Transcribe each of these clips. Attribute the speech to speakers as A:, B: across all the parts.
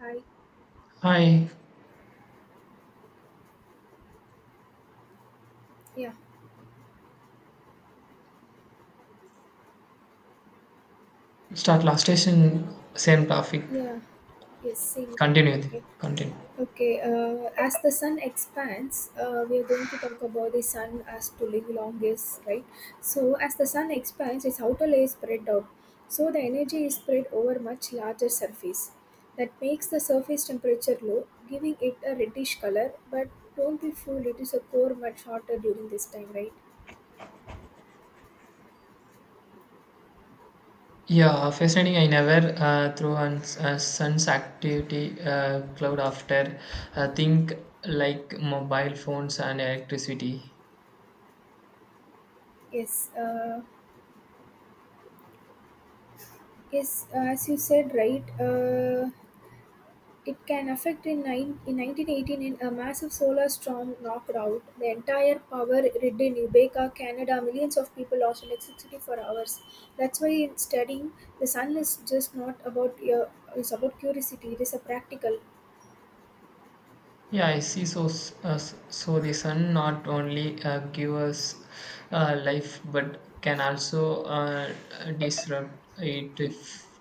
A: Hi.
B: Hi,
A: Yeah.
B: start last station, same topic.
A: Yeah. Yes. Same topic.
B: Continue,
A: Okay.
B: continue.
A: Okay. As the sun expands, we are going to talk about the sun as to live longest, right? So, as the sun expands, its outer layer is spread out. So, the energy is spread over much larger surface. That makes the surface temperature low, giving it a reddish color. But don't be fooled; it is a core much hotter during this time, right?
B: Yeah, fascinating. I never through on sun's activity cloud after think like mobile phones and electricity.
A: Yes, yes, as you said, right? It can affect in 1918 in a massive solar storm knocked out the entire power grid in Quebec, Canada. Millions of people lost electricity for hours. That's why in studying the sun is just not about your it's about curiosity. It is a practical.
B: Yeah, I see. So, so the sun not only give us life, but can also disrupt it if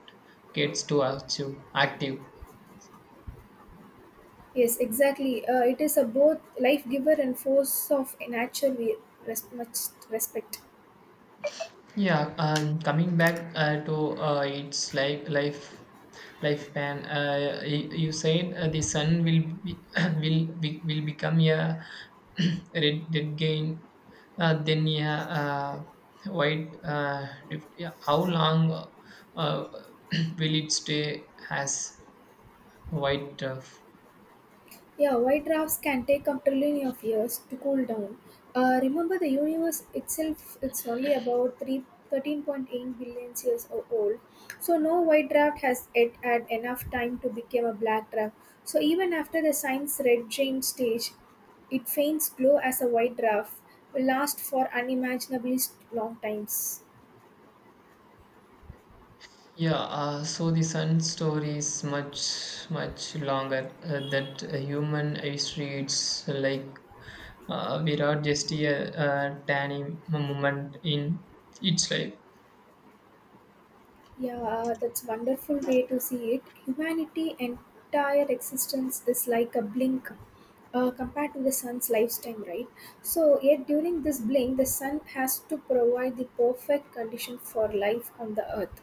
B: gets too active.
A: Yes, exactly. It is a both life giver and force of nature. We much respect.
B: Yeah, Coming back to its like lifespan, you said the sun will be, will be, will become a red gain, then a white drift. Yeah, how long uh, will it stay as white?
A: Yeah, white drafts can take up trillion of years to cool down. Remember, the universe itself it's only about three 13.8 billion years old. So, no white draft has yet had enough time to become a black draft. So, even after the science red giant stage, it faints glow as a white draft will last for unimaginably long times.
B: Yeah, so the sun story is much, much longer. That human history, it's like without just a, tiny moment in its life.
A: Yeah, that's wonderful way to see it. Humanity entire existence is like a blink, compared to the sun's lifetime, right? So yet during this blink, the sun has to provide the perfect condition for life on the earth.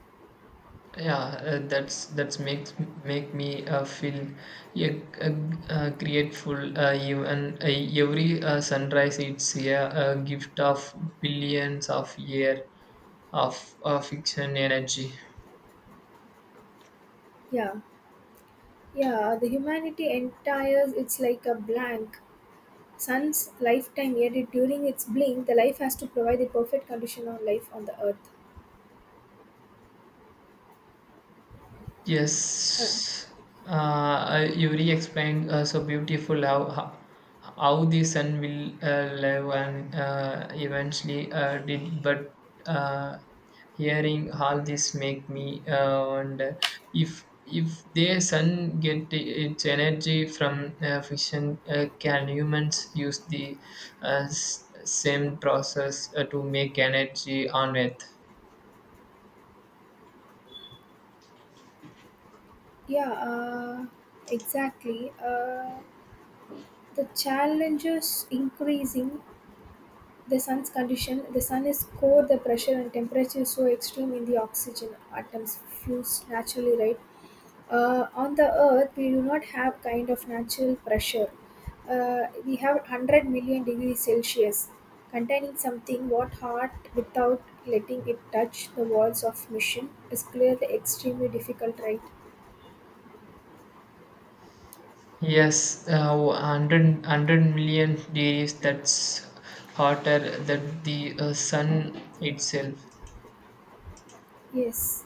B: Yeah, that's make me feel yeah, uh, grateful. Even every sunrise, it's yeah, a gift of billions of year of fiction energy.
A: Yeah, yeah. The humanity entire it's like a blank sun's lifetime. Yet during its blink, the life has to provide the perfect condition on life on the earth. Uh,
B: Yes, Yuri explained so beautiful how the sun will live and eventually did. But uh, hearing all this make me wonder if the sun get its energy from fission, can humans use the same process to make energy on Earth?
A: yeah, uh, exactly. The challenges increasing the sun's condition. The sun is core, the pressure and temperature is so extreme in the oxygen atoms fuse naturally, right? On the earth, we do not have kind of natural pressure. We have 100 million degrees Celsius containing something what hot without letting it touch the walls of mission is clearly extremely difficult, right?
B: Yes, 100, 100 million degrees, that's hotter than the sun itself.
A: Yes.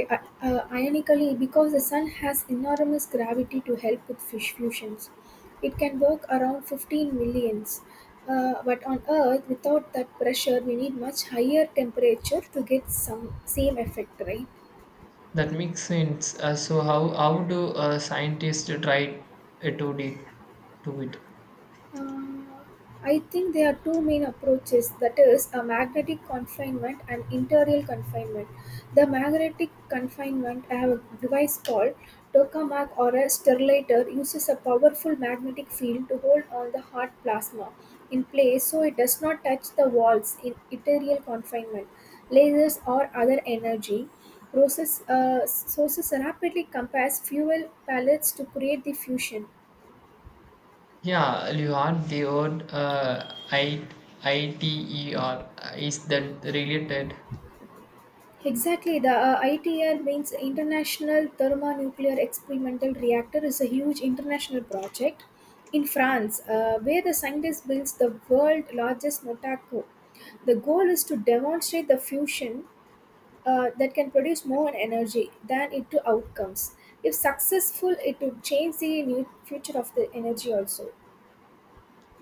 A: I- Ironically, because the Sun has enormous gravity to help with fish fusions, it can work around 15 millions. But on Earth, without that pressure, we need much higher temperature to get some same effect, right?
B: That makes sense. So how do scientists try uh, to, de- to it?
A: Uh, I think there are two main approaches that is, a magnetic confinement and interior confinement. The magnetic confinement, I have a device called tokamak or a sterilator, uses a powerful magnetic field to hold on the hot plasma in place so it does not touch the walls in interior confinement. Lasers or other energy process, sources rapidly compress fuel pellets to create the fusion.
B: Yeah, you are the word I t e r. Is that related?
A: Exactly, the ITR means International Thermonuclear Experimental Reactor is a huge international project in France where the scientist builds the world's largest Notaco. The goal is to demonstrate the fusion that can produce more energy than it to outcomes. If successful, it would change the new future of the energy also.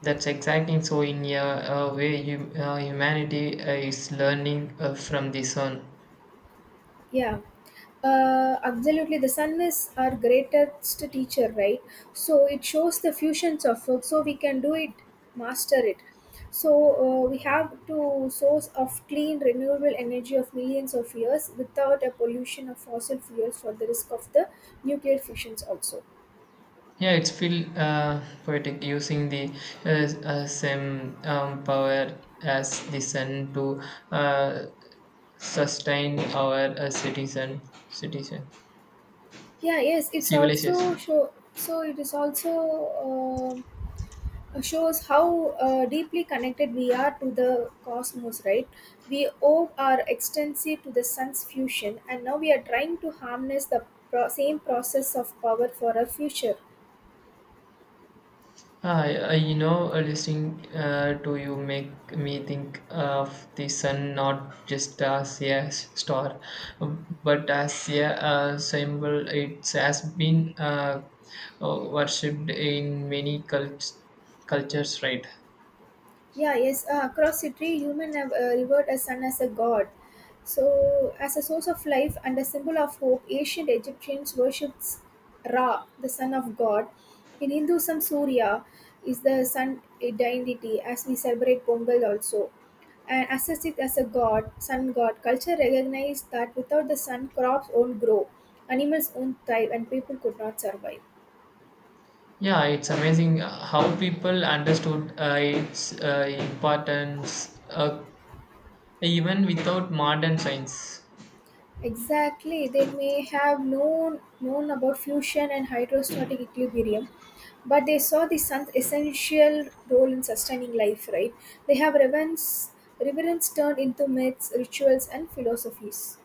B: That's exciting. So in a way, humanity is learning from the sun.
A: Yeah, absolutely. The sun is our greatest teacher, right? So it shows the fusions of work, so we can do it, master it. So we have to source of clean renewable energy of millions of years without a pollution of fossil fuels for the risk of the nuclear fissions also.
B: Yeah, it's feel poetic using the same power as the sun to uh, sustain our citizen citizen
A: Yeah, yes, it's also
B: civilization.
A: show. So it is also uh, shows how deeply connected we are to the cosmos, right? We owe our extensive to the sun's fusion, and now we are trying to harness the same process of power for our future.
B: Ah, listening to you make me think of the sun not just as a star, but as a symbol. It has been worshipped in many cultures, right?
A: Yeah, yes. Across history, human have revered a sun as a god. So, as a source of life and a symbol of hope, ancient Egyptians worshipped Ra, the son of God. In Hinduism, Surya is the sun deity, as we celebrate Pongal also. And assess it as a god, sun god. Culture recognized that without the sun, crops won't grow, animals won't thrive, and people could not survive.
B: Yeah, it's amazing how people understood its importance even without modern science.
A: Exactly, they may have known about fusion and hydrostatic equilibrium, but they saw the sun's essential role in sustaining life. Right? They have reverence turned into myths, rituals, and philosophies.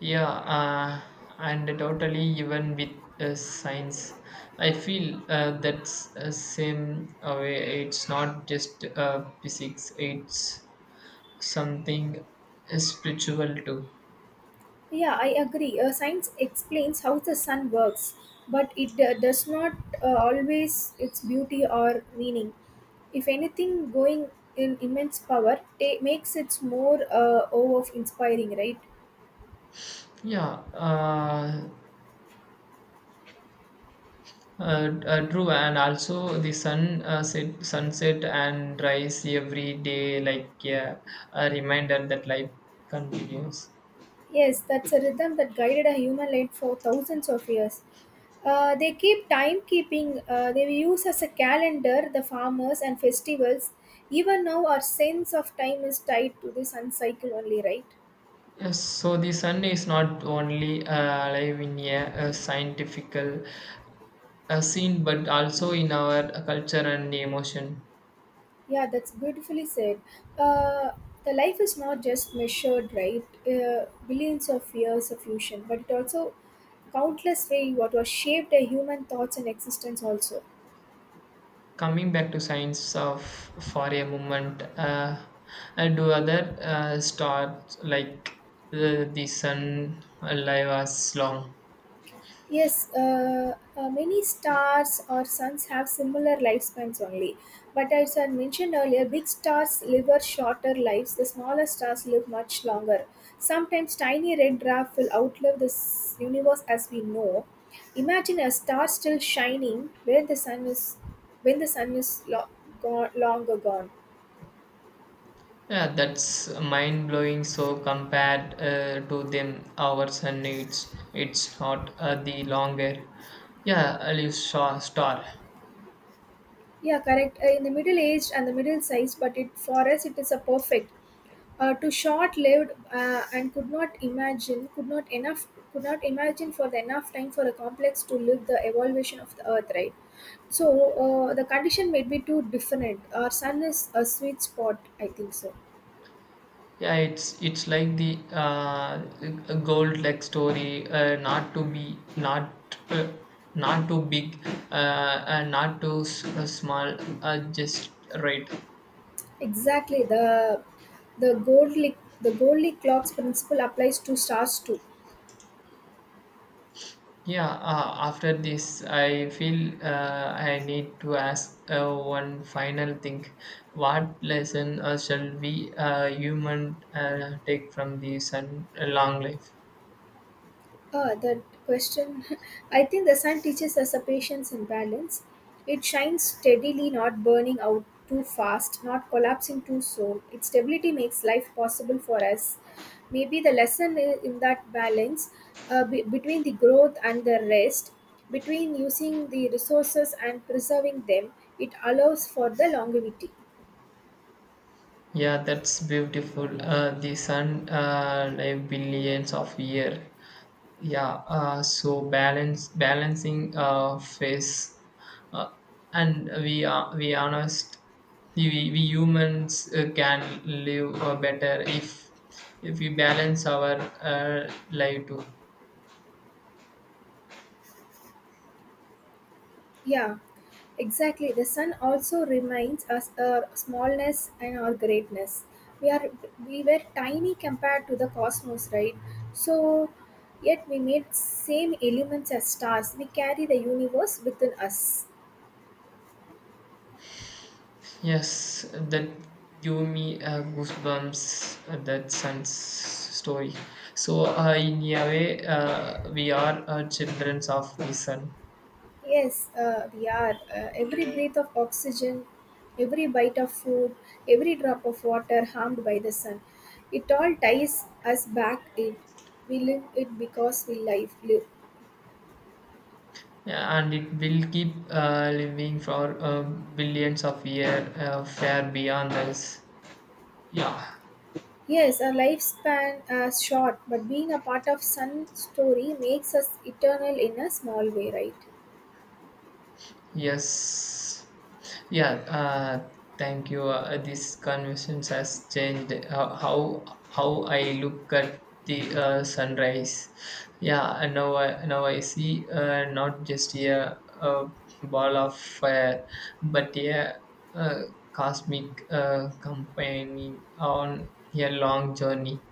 B: Yeah, and totally even with science, I feel that's same way. It's not just physics; it's something spiritual too.
A: Yeah, I agree. Science explains how the sun works, but it does not always its beauty or meaning. If anything, going in immense power makes it more awe of inspiring, right?
B: Yeah, uh, true, and also the sunset and rise every day, like yeah, a reminder that life continues.
A: Yes, that's a rhythm that guided a human life for thousands of years. They keep timekeeping, they use as a calendar the farmers and festivals. Even now, our sense of time is tied to the sun cycle only, right?
B: Yes, so the sun is not only alive in a scientific scene, but also in our culture and emotion.
A: Yeah, that's beautifully said. Uh, the life is not just measured, right? Billions of years of fusion, but it also countless way what was shaped a human thoughts and existence also.
B: Coming back to science of for a moment, do other stars like the sun alive as long?
A: Yes, many stars or suns have similar lifespans only. But as I mentioned earlier, big stars live a shorter lives, the smaller stars live much longer. Sometimes tiny red dwarf will outlive this universe as we know. Imagine a star still shining where the sun is when the sun is gone, long gone.
B: Yeah, that's mind blowing. So compared to them, ours and needs it's not the longer. Yeah, a little star.
A: Yeah, correct. In the middle aged and the middle sized, but it for us it is a perfect. To short lived and could not imagine for the enough time for a complex to live the evolution of the earth, right? So the condition may be too different. Our sun is a sweet spot, I think so.
B: Yeah, it's like the gold leg story. Not too big, and not too small. Just right.
A: Exactly the Goldilocks clocks principle applies to stars too.
B: Yeah, after this, I feel I need to ask one final thing. What lesson shall we human take from the sun long life?
A: Ah, that question. I think the sun teaches us a patience and balance. It shines steadily, not burning out too fast, not collapsing too soon. Its stability makes life possible for us. Maybe the lesson in that balance between the growth and the rest, between using the resources and preserving them, it allows for the longevity.
B: Yeah, that's beautiful. The sun live billions of years, yeah so balance balancing face uh, and we humans can live better if we balance our life too.
A: Yeah, exactly. The sun also reminds us our smallness and our greatness. We are we were tiny compared to the cosmos, right? So yet we made same elements as stars. We carry the universe within us.
B: Yes, that give me goosebumps that son's story, so in a way we are children of the sun.
A: Yes, we are. Every breath of oxygen, every bite of food, every drop of water harmed by the sun. It all ties us back in. We live it because we live, live.
B: Yeah, and it will keep living for billions of years, far beyond us. Yeah.
A: Yes, our lifespan is short, but being a part of Sun story makes us eternal in a small way, right?
B: Yes. Yeah. Thank you. This conversation has changed how I look at the sunrise. Yeah. and now I see not just a ball of fire, but a, uh cosmic companion on a long journey.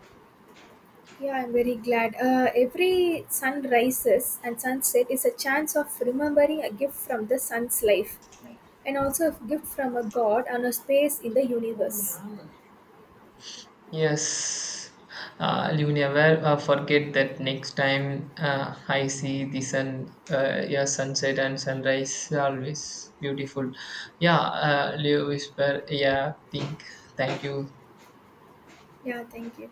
A: Yeah, I'm very glad. Every sun rises and sunset is a chance of remembering a gift from the sun's life and also a gift from a god and a space in the universe.
B: Yes, you never forget that next time I see the sun, yeah, sunset and sunrise, always beautiful. Yeah, Leo whisper, yeah, think. Thank you.
A: Yeah, thank you.